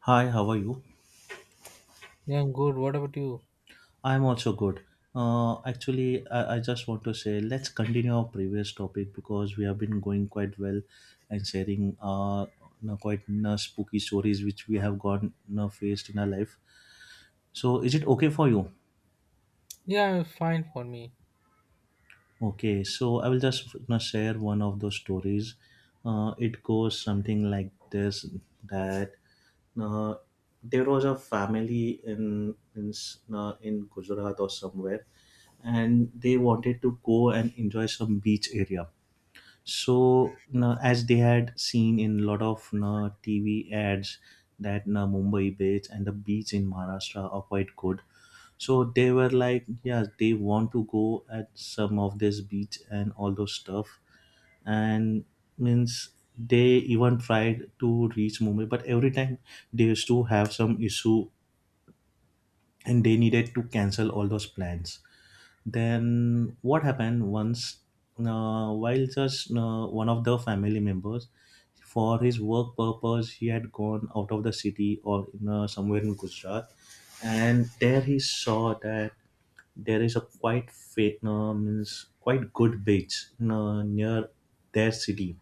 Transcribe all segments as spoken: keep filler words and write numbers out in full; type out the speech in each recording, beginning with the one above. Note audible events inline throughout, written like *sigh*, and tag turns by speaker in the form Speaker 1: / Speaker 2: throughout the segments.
Speaker 1: Hi, how are you?
Speaker 2: Yeah, I'm good. What about you?
Speaker 1: I'm also good. Uh, actually, I, I just want to say let's continue our previous topic because we have been going quite well and sharing uh, you know, quite you know, spooky stories which we have gone you know, faced in our life. So, is it okay for you?
Speaker 2: Yeah, fine for me.
Speaker 1: Okay, so I will just you know, share one of those stories. Uh, it goes something like this: that uh, there was a family in in s- uh, in Gujarat or somewhere, and they wanted to go and enjoy some beach area, so na, as they had seen in a lot of na TV ads that na Mumbai beach and the beach in Maharashtra are quite good. So they were like yeah, they want to go at some of this beach and all those stuff, and means they even tried to reach Mumbai, but every time they used to have some issue and they needed to cancel all those plans. Then what happened once, uh, while just uh, one of the family members, for his work purpose, he had gone out of the city or in, uh, somewhere in Gujarat, and there he saw that there is a quite fa- uh, means quite good beach uh, near their city,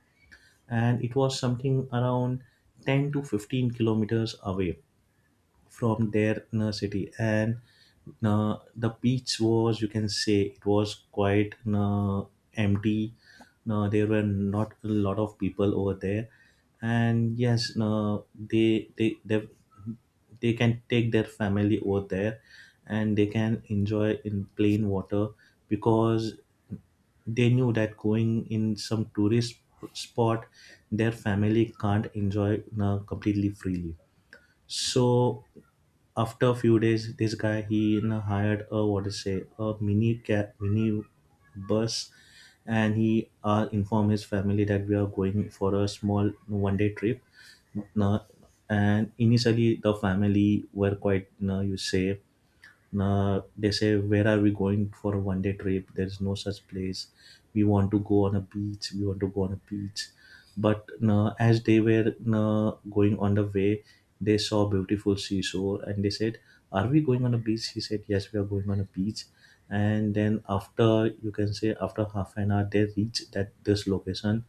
Speaker 1: and it was something around ten to fifteen kilometers away from their inner city. And uh, the beach was, you can say, it was quite uh, empty. Uh, there were not a lot of people over there, and yes, uh, they they they they can take their family over there and they can enjoy in plain water, because they knew that going in some tourist spot, their family can't enjoy uh, completely freely. So after a few days, this guy, he you know, hired a, what to say, a mini cab, mini bus, and he uh, informed his family that we are going for a small one day trip. Now, and initially the family were quite, you know, you say, nah, they say, where are we going for a one day trip? There's no such place. We want to go on a beach. We want to go on a beach. But nah, as they were nah, going on the way, they saw beautiful seashore and they said, are we going on a beach? He said, yes, we are going on a beach. And then after, you can say, after half an hour they reached that this location,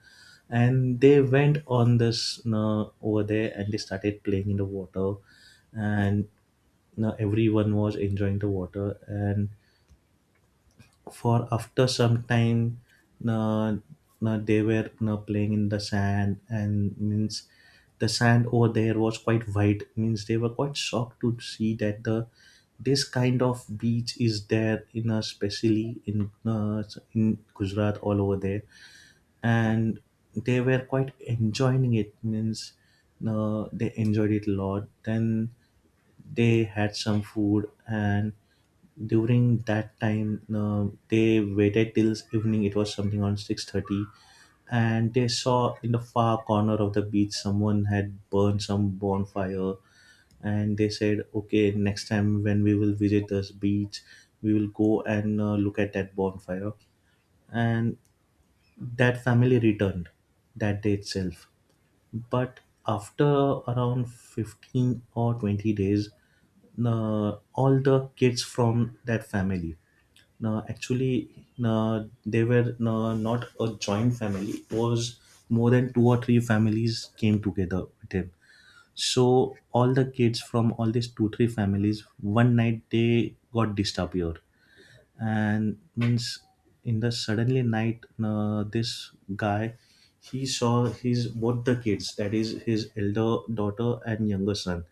Speaker 1: and they went on this, you know, over there, and they started playing in the water. And you know, everyone was enjoying the water, and for after some time, you know, they were you know, playing in the sand, and means the sand over there was quite white, means they were quite shocked to see that the this kind of beach is there in a, specially in uh, in Gujarat, all over there. And they were quite enjoying it, means uh, they enjoyed it a lot. Then they had some food, and during that time, uh, they waited till evening. It was something on six thirty, and they saw in the far corner of the beach someone had burned some bonfire. And they said, okay, next time when we will visit this beach, we will go and uh, look at that bonfire. And that family returned that day itself, but after around fifteen or twenty days, uh, all the kids from that family. Now, actually, uh, they were uh, not a joint family. It was more than two or three families came together with him. So all the kids from all these two three families, one night they got disappeared, and means in the suddenly night, uh, this guy, he saw his both the kids, that is his elder daughter and younger son,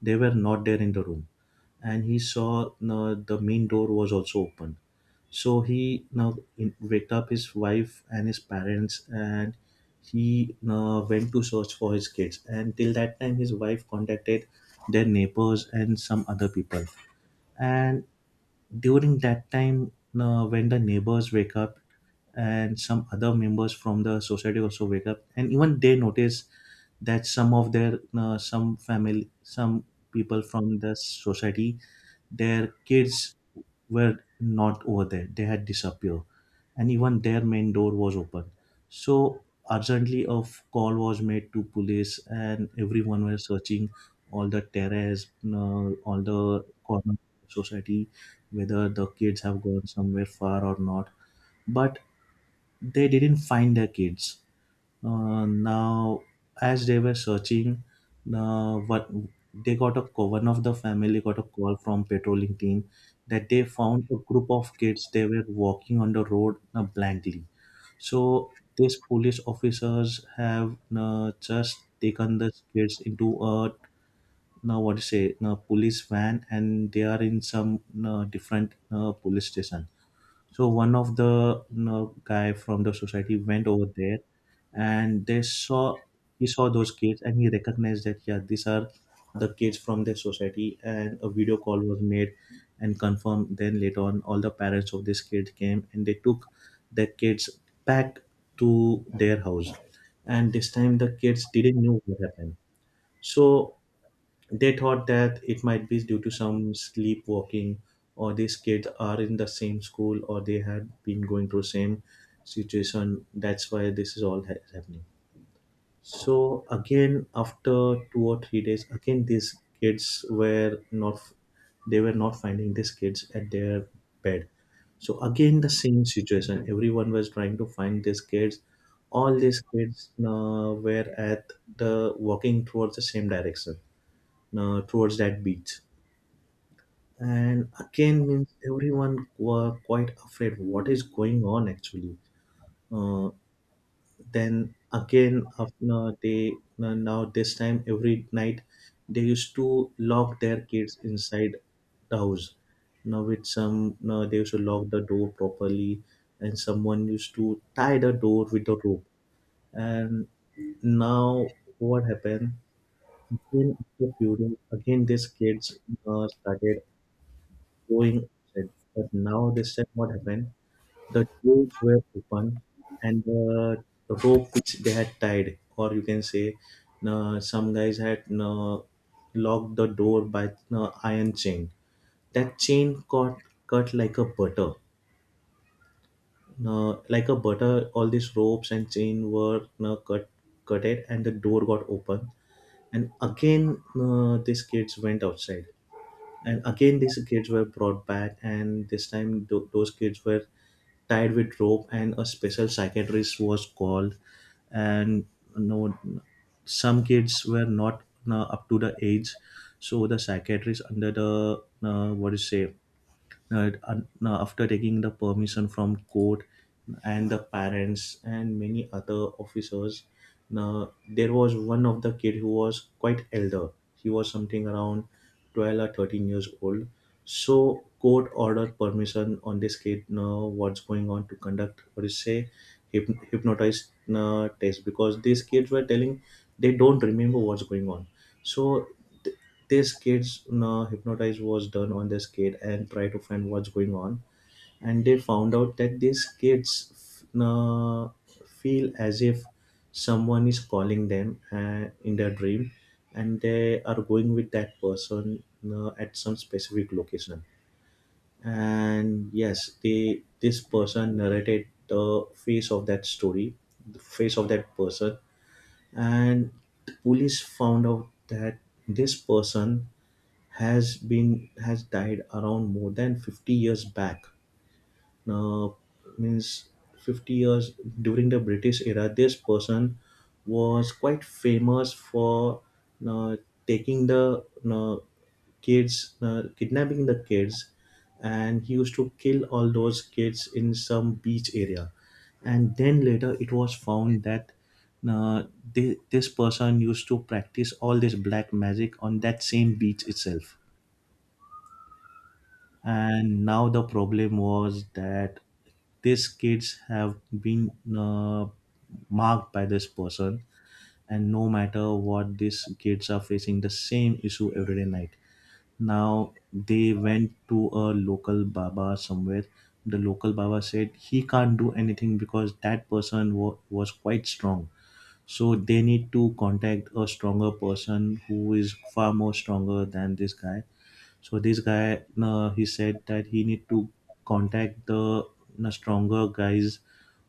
Speaker 1: they were not there in the room. And he saw uh, the main door was also open, so he now in, waked up his wife and his parents, and he uh, went to search for his kids. And till that time, his wife contacted their neighbors and some other people. And during that time, uh, when the neighbors wake up and some other members from the society also wake up, and even they notice that some of their uh, some family, some people from the society, their kids were not over there, they had disappeared, and even their main door was open. So urgently a f- call was made to police, and everyone was searching all the terrace, uh, all the corner of society, whether the kids have gone somewhere far or not. But they didn't find their kids. Uh, now as they were searching, uh, what they got a co- one of the family got a call from patrolling team that they found a group of kids, they were walking on the road uh, blankly. So these police officers have uh, just taken the kids into a, now what do you say, now police van, and they are in some uh, different uh, police station. So one of the, you know, guy from the society went over there, and they saw he saw those kids, and he recognized that yeah, these are the kids from the society. And a video call was made and confirmed. Then later on, all the parents of these kids came and they took their kids back to their house. And this time, the kids didn't know what happened. So they thought that it might be due to some sleepwalking, or these kids are in the same school, or they had been going through same situation. That's why this is all ha- happening. So again, after two or three days, again these kids were not. They were not finding these kids at their bed. So again, the same situation. Everyone was trying to find these kids. All these kids uh, were at the walking towards the same direction, uh, towards that beach. And again, means everyone were quite afraid what is going on actually. Uh, then again, after they now now this time every night they used to lock their kids inside the house. Now with some, now they used to lock the door properly, and someone used to tie the door with a rope. And now what happened? Again, after few days, again these kids uh, started going outside. But now this time, what happened? The doors were open, and the rope which they had tied, or you can say, uh, some guys had uh, locked the door by uh, iron chain. That chain got cut like a butter. Uh, like a butter, all these ropes and chain were uh, cut, cut it, and the door got open. And again, uh, these kids went outside. And again these kids were brought back, and this time th- those kids were tied with rope, and a special psychiatrist was called. And no, some kids were not uh, up to the age, so the psychiatrist under the, uh, what do you say, uh, un- uh, after taking the permission from court and the parents and many other officers. Now there was one of the kid who was quite elder, he was something around twelve or thirteen years old. So court ordered permission on this kid, now what's going on, to conduct what is say, hyp- hypnotized uh, test, because these kids were telling they don't remember what's going on. So th- this kids, uh, hypnotize was done on this kid and try to find what's going on. And they found out that these kids uh, feel as if someone is calling them uh, in their dream, and they are going with that person uh, at some specific location. And yes, the this person narrated the face of that story, the face of that person. And the police found out that this person has been has died around more than fifty years back. Now, means fifty years, during the British era, this person was quite famous for uh, taking the uh, kids, uh, kidnapping the kids, and he used to kill all those kids in some beach area. And then later, it was found that uh, thi- this person used to practice all this black magic on that same beach itself. And now the problem was that these kids have been uh, marked by this person, and no matter what, these kids are facing the same issue every day night. Now they went to a local baba somewhere, the local baba said he can't do anything because that person wa- was quite strong, so they need to contact a stronger person who is far more stronger than this guy. So this guy, uh, he said that he need to contact the uh, stronger guys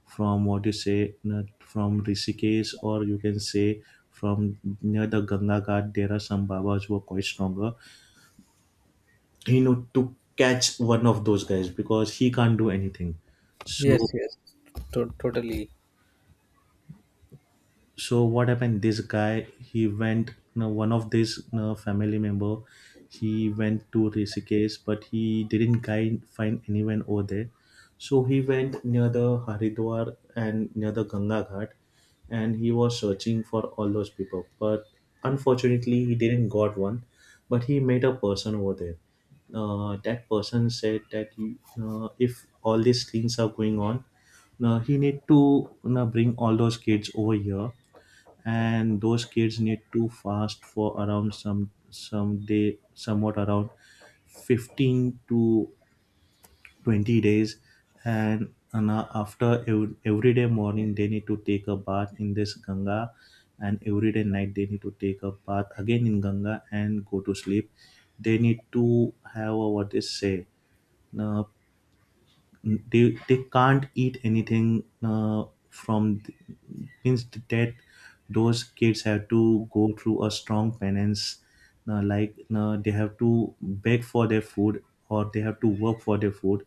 Speaker 1: from, what you say, uh, from Rishikesh, or you can say from near the Ganga Ghat. There are some Babas who are quite stronger. He need to catch one of those guys because he can't do anything.
Speaker 2: Yes,
Speaker 1: So
Speaker 2: yes, to- totally.
Speaker 1: so what happened, this guy he went, you know, one of this you know, family member, he went to Rishikesh, but he didn't guide, find anyone over there. So he went near the Haridwar and near the Ganga Ghat, and he was searching for all those people, but unfortunately he didn't got one. But he met a person over there. Uh, that person said that you, uh, if all these things are going on now, he need to you know, bring all those kids over here, and those kids need to fast for around some some day, somewhat around fifteen to twenty days. And and uh, after ev- every day morning they need to take a bath in this Ganga, and every day night they need to take a bath again in Ganga and go to sleep. They need to have a, what they say, uh, they they can't eat anything uh, from th- means that those kids have to go through a strong penance. Uh, like uh, they have to beg for their food or they have to work for their food,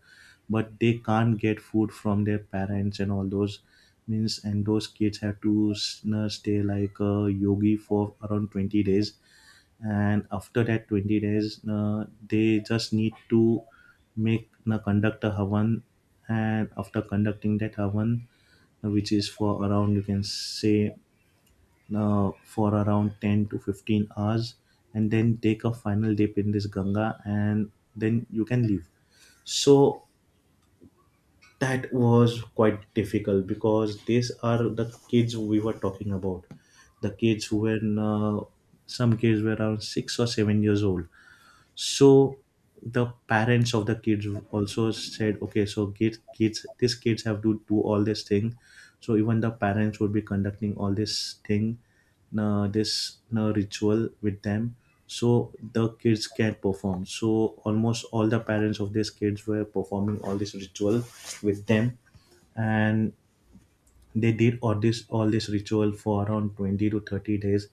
Speaker 1: but they can't get food from their parents and all those, means. And those kids have to s- uh, stay like a yogi for around twenty days, and after that twenty days uh, they just need to make uh, conduct a havan. And after conducting that havan, uh, which is for around you can say uh, for around ten to fifteen hours, and then take a final dip in this Ganga, and then you can leave. So that was quite difficult because these are the kids we were talking about. The kids who were, uh, some kids were around six or seven years old. So the parents of the kids also said okay, so kids kids these kids have to do all this thing, so even the parents would be conducting all this thing, uh, this uh, ritual with them, so the kids can perform. So almost all the parents of these kids were performing all this ritual with them. And they did all this all this ritual for around twenty to thirty days.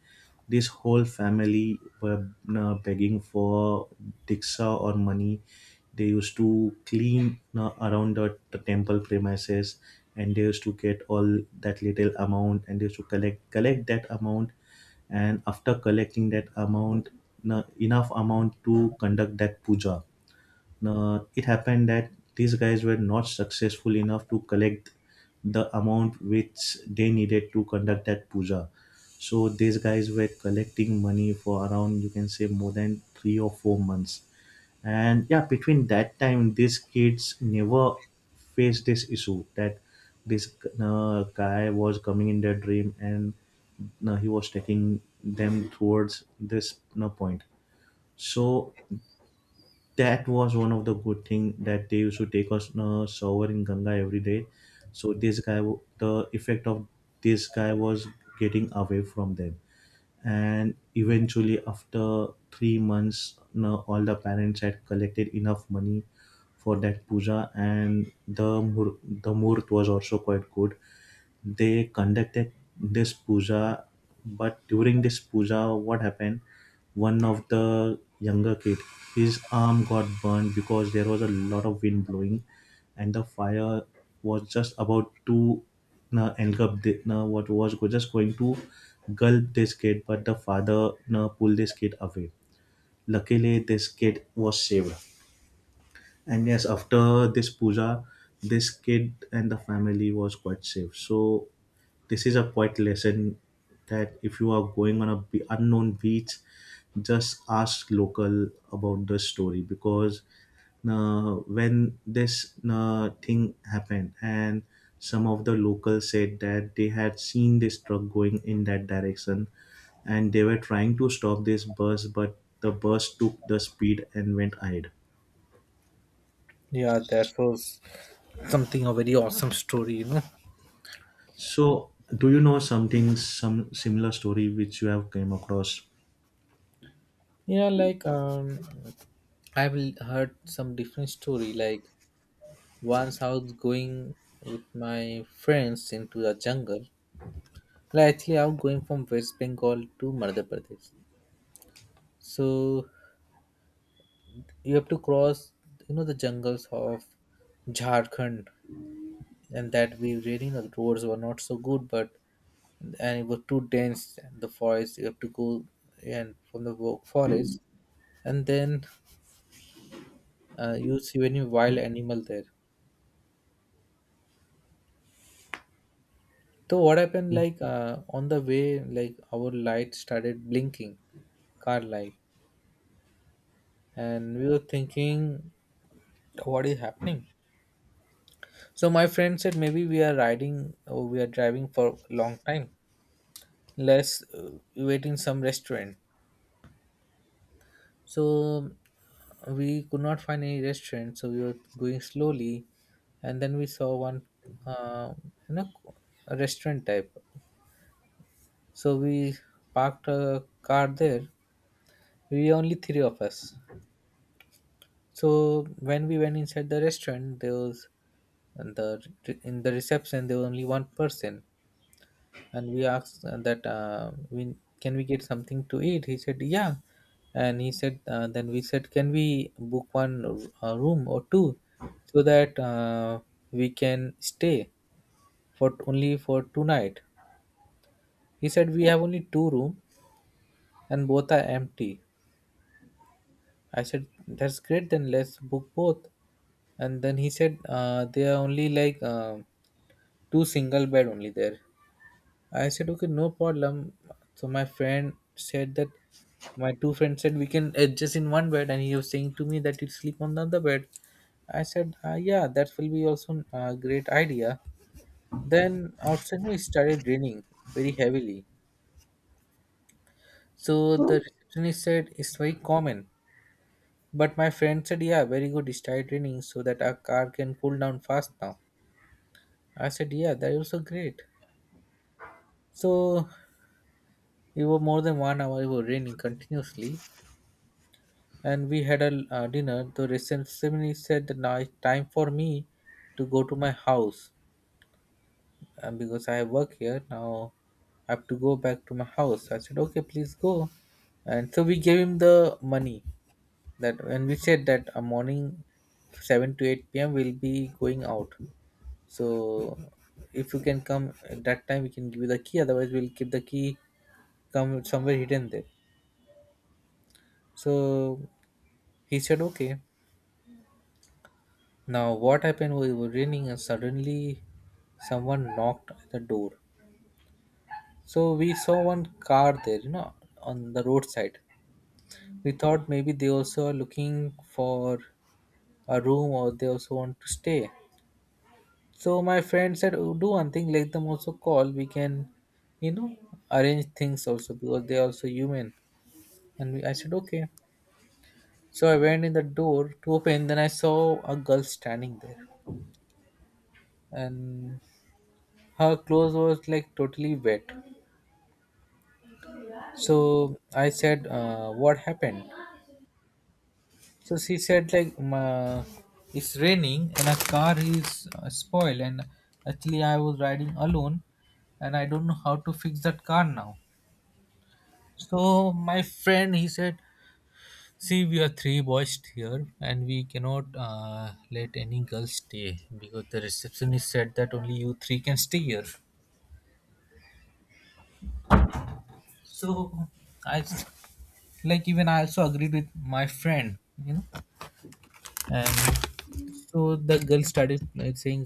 Speaker 1: This whole family were uh, begging for diksha or money. They used to clean uh, around the, the temple premises, and they used to get all that little amount, and they used to collect collect that amount. And after collecting that amount, na- enough amount to conduct that puja, uh, it happened that these guys were not successful enough to collect the amount which they needed to conduct that puja. So these guys were collecting money for around you can say more than three or four months. And yeah, between that time, these kids never faced this issue that this uh, guy was coming in their dream and uh, he was taking them towards this you point. So that was one of the good thing, that they used to take us a shower in Ganga every day. So this guy, w- the effect of this guy was getting away from them, and eventually after three months, now all the parents had collected enough money for that puja, and the mur- the muhurt was also quite good. They conducted this puja, but during this puja what happened, one of the younger kid, his arm got burned because there was a lot of wind blowing, and the fire was just about to uh, engulf the, uh, what was go- just going to gulp this kid, but the father uh, pulled this kid away. Luckily this kid was saved. And yes, after this puja, this kid and the family was quite safe. So this is a quite lesson that if you are going on a be- unknown beach, just ask local about the story. Because uh, when this uh, thing happened, and some of the locals said that they had seen this truck going in that direction, and they were trying to stop this bus but the bus took the speed and went ahead.
Speaker 2: Yeah, that was something a very awesome story, you know.
Speaker 1: So, do you know something, some similar story which you have came across?
Speaker 2: Yeah, like um, I've l- heard some different story. Like once I was going with my friends into the jungle. Like actually, I was going from West Bengal to Madhya Pradesh. So you have to cross, you know, the jungles of Jharkhand, and that we really the roads were not so good, but and it was too dense the forest you have to go and from the wo- forest, and then uh, you see any wild animal there. So what happened,
Speaker 1: Yeah.
Speaker 2: like uh, on the way, like our light started blinking, car light, and we were thinking what is happening. So my friend said maybe we are riding, or we are driving for a long time. Let's uh, wait in some restaurant. So we could not find any restaurant, so we were going slowly, and then we saw one, uh, you know, a restaurant type. So we parked a car there. We were only three of us. So when we went inside the restaurant, there was, and the, in the reception there was only one person. And we asked uh, that uh, we, can we get something to eat? He said yeah. And he said, uh, then we said, can we book one uh, room or two, so that uh, we can stay for only for two night. He said we have only two room, and both are empty. I said, that's great, then let's book both. And then he said, uh, they are only like, uh, two single bed only there. I said, okay, no problem. So my friend said that, my two friends said we can adjust in one bed, and he was saying to me that you sleep on the other bed. I said, uh, yeah, that will be also a great idea. Then outside it started raining very heavily. So the receptionist said it's very common. But my friend said, yeah, very good. It started raining so that our car can cool down fast now. I said, yeah, that is also great. So it was more than one hour. It was raining continuously. And we had a uh, dinner. The receptionist said that now it's time for me to go to my house, uh, because I work here now. I have to go back to my house. I said, okay, please go. And so we gave him the money that, and we said that a morning, seven to eight p m we'll be going out. So if you can come at that time, we can give you the key. Otherwise, we'll keep the key, come somewhere hidden there. So he said, okay. Now, what happened? We were raining, and suddenly someone knocked at the door. So we saw one car there, you know, on the roadside. We thought maybe they also are looking for a room, or they also want to stay. So my friend said, "Oh, do one thing, let them also call. We can, you know, arrange things also because they are also human." And we, I said, "Okay." So I went in the door to open. Then I saw a girl standing there, and her clothes was like totally wet. So I said, uh, what happened? So she said, like, "Um, uh, it's raining and a car is uh, spoiled. And actually, I was riding alone, and I don't know how to fix that car now." So my friend, he said, see, we are three boys here, and we cannot uh, let any girl stay because the receptionist said that only you three can stay here. So I, s- like, even I also agreed with my friend, you know. And so the girl started, like, saying,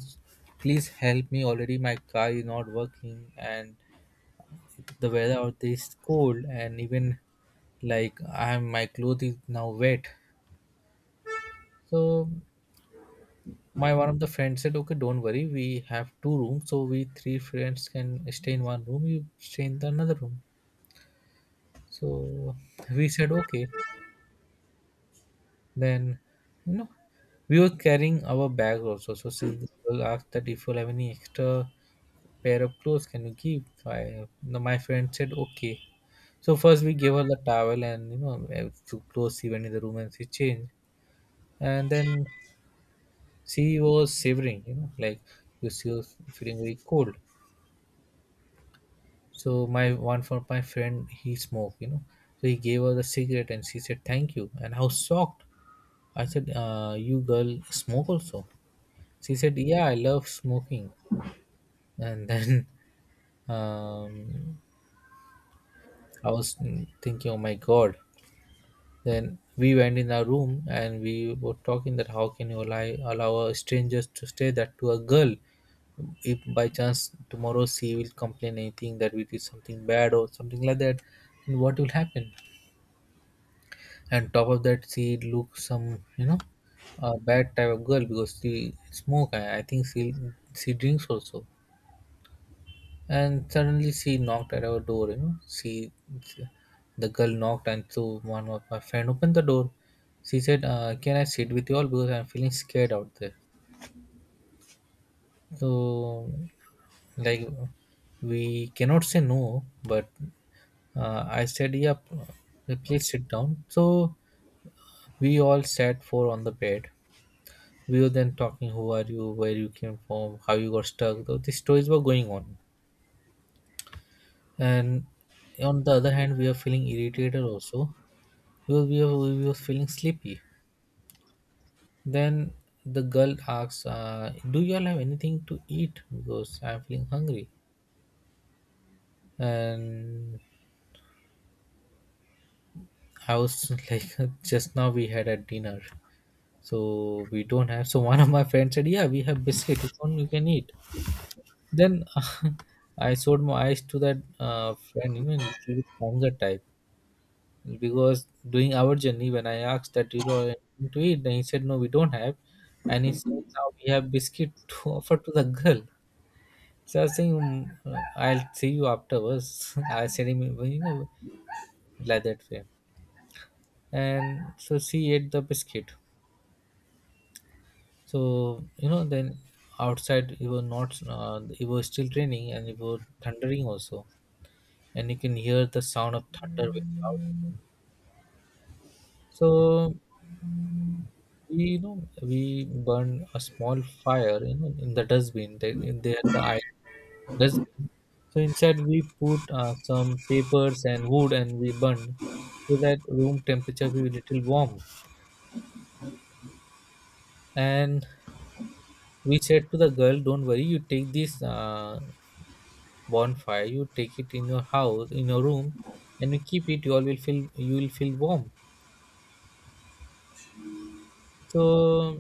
Speaker 2: please help me, already my car is not working, and the weather out there is cold, and even, like, i'm, my clothes is now wet. So my one of the friends said, okay, don't worry, we have two rooms, so we three friends can stay in one room, you stay in the another room. So we said okay. Then, you know, we were carrying our bag also, so she, the girl asked that if you have any extra pair of clothes, can you give? I, no, my friend said okay. So first we gave her the towel, and you know, eh, few clothes. She went in the room and she changed. And then she was shivering, you know, like she was feeling very cold. So my one for my friend, he smoked, you know, so he gave her the cigarette, and she said thank you. And I was shocked. I said, uh, you girl smoke also? She said, yeah, I love smoking. And then *laughs* um, I was thinking, oh my god. Then we went in our room and we were talking that how can you allow, allow a stranger to say that to a girl? If by chance tomorrow she will complain anything that we did something bad or something like that, then what will happen? And top of that, she look some, you know, a bad type of girl because she smoke. I I think she she drinks also. And suddenly she knocked at our door, you know. She, the girl knocked, and so one of my friend opened the door. She said, uh, can I sit with you all because I'm feeling scared out there? So, like, we cannot say no, but uh, I said, yeah, p- please sit down. So we all sat four on the bed. We were then talking, who are you, where you came from, how you got stuck. Though these stories were going on. And on the other hand, we are feeling irritated also because we were, we was feeling sleepy. Then the girl asks, uh, "Do you all have anything to eat? Because I'm feeling hungry." And I was *laughs* like, "Just now we had a dinner, so we don't have." So one of my friends said, "Yeah, we have biscuit. Which one you can eat?" Then *laughs* I showed my eyes to that uh, friend, you know, little bit younger type. Because during our journey, when I asked that, you know, anything to eat, then he said, no, we don't have. And he said, now we have biscuit *laughs* to offer to the girl. So I was saying, "Mm, uh, I'll see you afterwards." *laughs* I said him, you know, like that way. And so she ate the biscuit. So, you know, then outside it was not, uh, it was still raining and it was thundering also. And you can hear the sound of thunder very loud. So we you know we burn a small fire, you know, in the dustbin, the, in there the iron dustbin. So inside we put uh, some papers and wood, and we burn so that room temperature will be little warm. And we said to the girl, don't worry, you take this uh, bonfire, you take it in your house, in your room, and you keep it, you all will feel, you will feel warm. So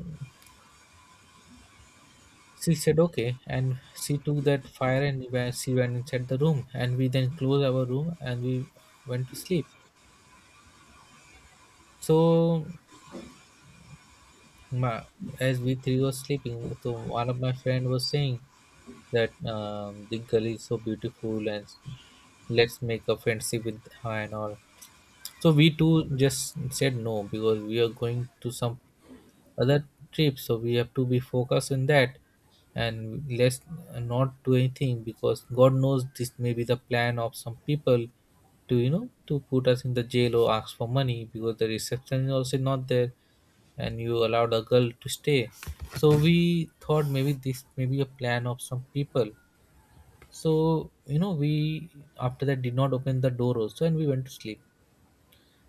Speaker 2: she said okay, and she took that fire and wa- she went inside the room, and we then closed our room and we went to sleep. So, my, as we three were sleeping, so one of my friend was saying that um, the girl is so beautiful, and let's make a friendship with her and all. So we two just said no, because we are going to some other trip, so we have to be focused on that, and let's not do anything because god knows this may be the plan of some people to, you know, to put us in the jail or ask for money, because the reception is also not there and you allowed a girl to stay. So we thought maybe this may be a plan of some people. So, you know, we after that did not open the door also, and we went to sleep.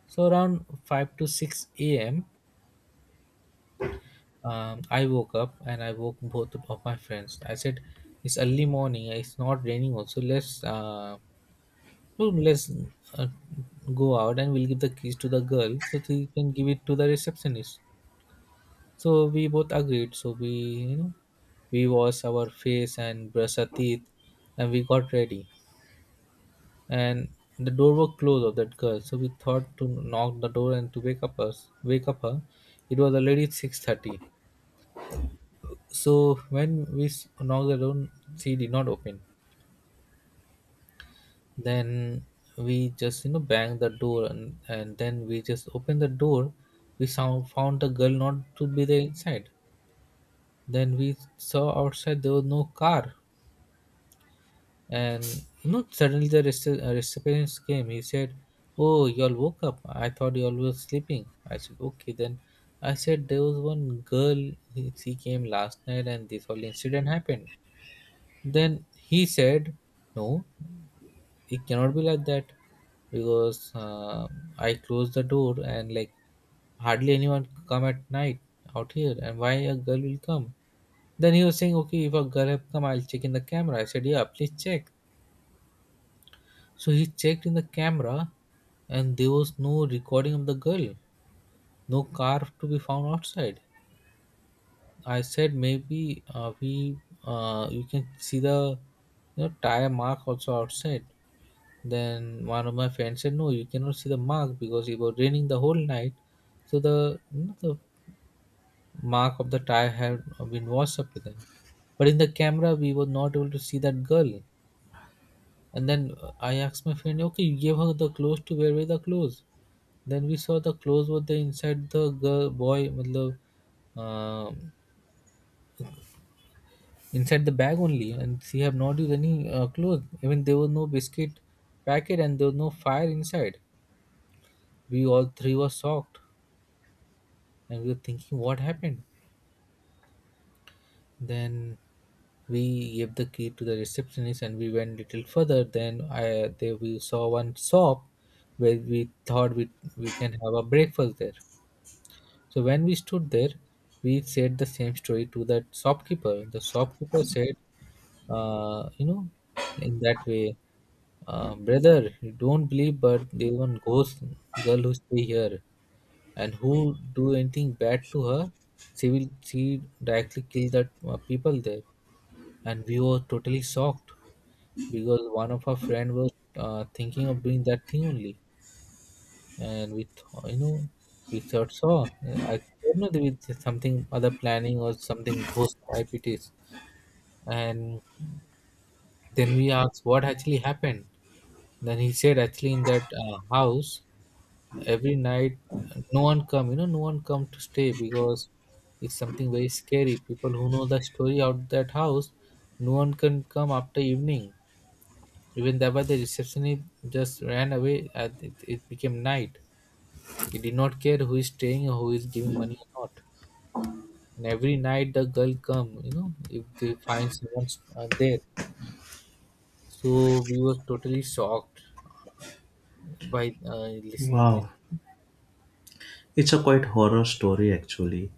Speaker 2: So around five to six a m, Um, I woke up and I woke both of my friends. I said, "It's early morning. It's not raining also. Let's uh, no, let's uh, go out, and we'll give the keys to the girl so she can give it to the receptionist." So we both agreed. So we you know we wash our face and brush our teeth, and we got ready. And the door was closed of that girl, so we thought to knock the door and to wake up us, wake up her. It was already six thirty, so when we s- knocked the door, she did not open. Then we just you know banged the door, and, and then we just opened the door. we sound, found the girl not to be there inside. Then we saw outside there was no car. And you know suddenly the rece- uh, receptionist came. He said, "Oh, you all woke up. I thought you all were sleeping." I said, "Okay, then I said there was one girl. He- she came last night and this whole incident happened." Then he said, "No, it cannot be like that because uh, I close the door, and like hardly anyone come at night out here. And why a girl will come?" Then he was saying, "Okay, if a girl have come, I'll check in the camera." I said, "Yeah, please check." So he checked in the camera, and there was no recording of the girl, no car to be found outside. I said, "Maybe uh, we uh, you can see the you know tire mark also outside." Then one of my friends said, "No, you cannot see the mark because it was raining the whole night, so the you know, the mark of the tire had been washed up with it." But in the camera, we were not able to see that girl. And then uh, I asked my friend, "Okay, you gave her the clothes to wear with the clothes." Then we saw the clothes were there inside the girl boy, matlab, uh, inside the bag only, and she have not used any uh, clothes. Even there was no biscuit packet, and there was no fire inside. We all three were shocked, and we were thinking what happened. Then we gave the key to the receptionist, and we went little further. Then I there we saw one shop where we thought we we can have a breakfast there. So when we stood there, we said the same story to that shopkeeper. The shopkeeper said, uh, you know in that way, uh, brother, you don't believe, but there one ghost girl who stay here, and who do anything bad to her, she will she directly kill that uh, people there." And we were totally shocked because one of our friend was uh, thinking of doing that thing only, and we th- you know we thought so. uh, I don't know there was something other planning or something ghost type it is, and then we asked what actually happened. Then he said, "Actually in that uh, house, every night no one come, you know no one come to stay because it's something very scary. People who know the story out that house, no one can come after evening. Even that was the receptionist, just ran away at it, it became night. He did not care who is staying or who is giving money or not. And every night the girl come, you know if they find someone uh, there." So we were totally shocked by uh, listening this.
Speaker 1: Wow, it's a quite horror story actually.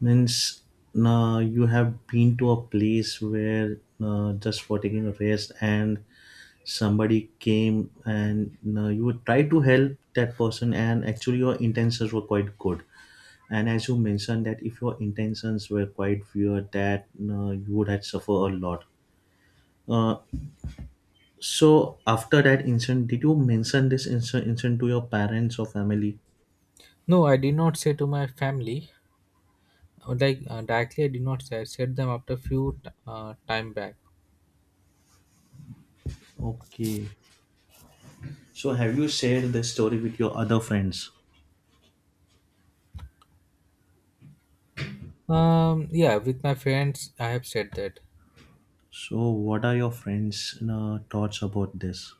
Speaker 1: Means, uh, you have been to a place where, uh, just for taking a rest, and somebody came and, uh, you try to help that person, and actually your intentions were quite good. And as you mentioned that if your intentions were quite weird, that uh, you would have suffer a lot. Uh, So after that incident, did you mention this inci- incident to your parents or family?
Speaker 2: No, I did not say to my family, like uh, directly I did not set, set them after few t- uh, time back.
Speaker 1: Okay. So have you shared this story with your other friends?
Speaker 2: Um, yeah, with my friends I have said that.
Speaker 1: So what are your friends' uh, thoughts about this?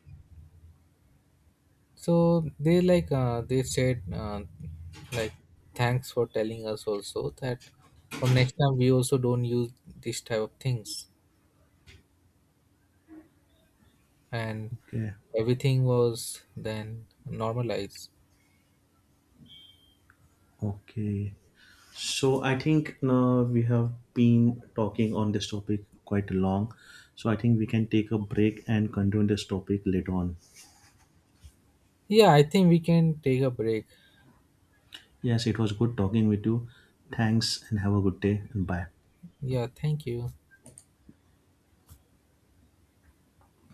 Speaker 2: So they, like, uh, they said, uh, like, "Thanks for telling us also that from next time we also don't use this type of things." And
Speaker 1: Okay.
Speaker 2: everything was then normalized.
Speaker 1: Okay. So I think uh, we have been talking on this topic quite long. So I think we can take a break and continue this topic later on.
Speaker 2: Yeah, I think we can take a break.
Speaker 1: Yes, it was good talking with you. Thanks and have a good day and bye.
Speaker 2: Yeah, thank you.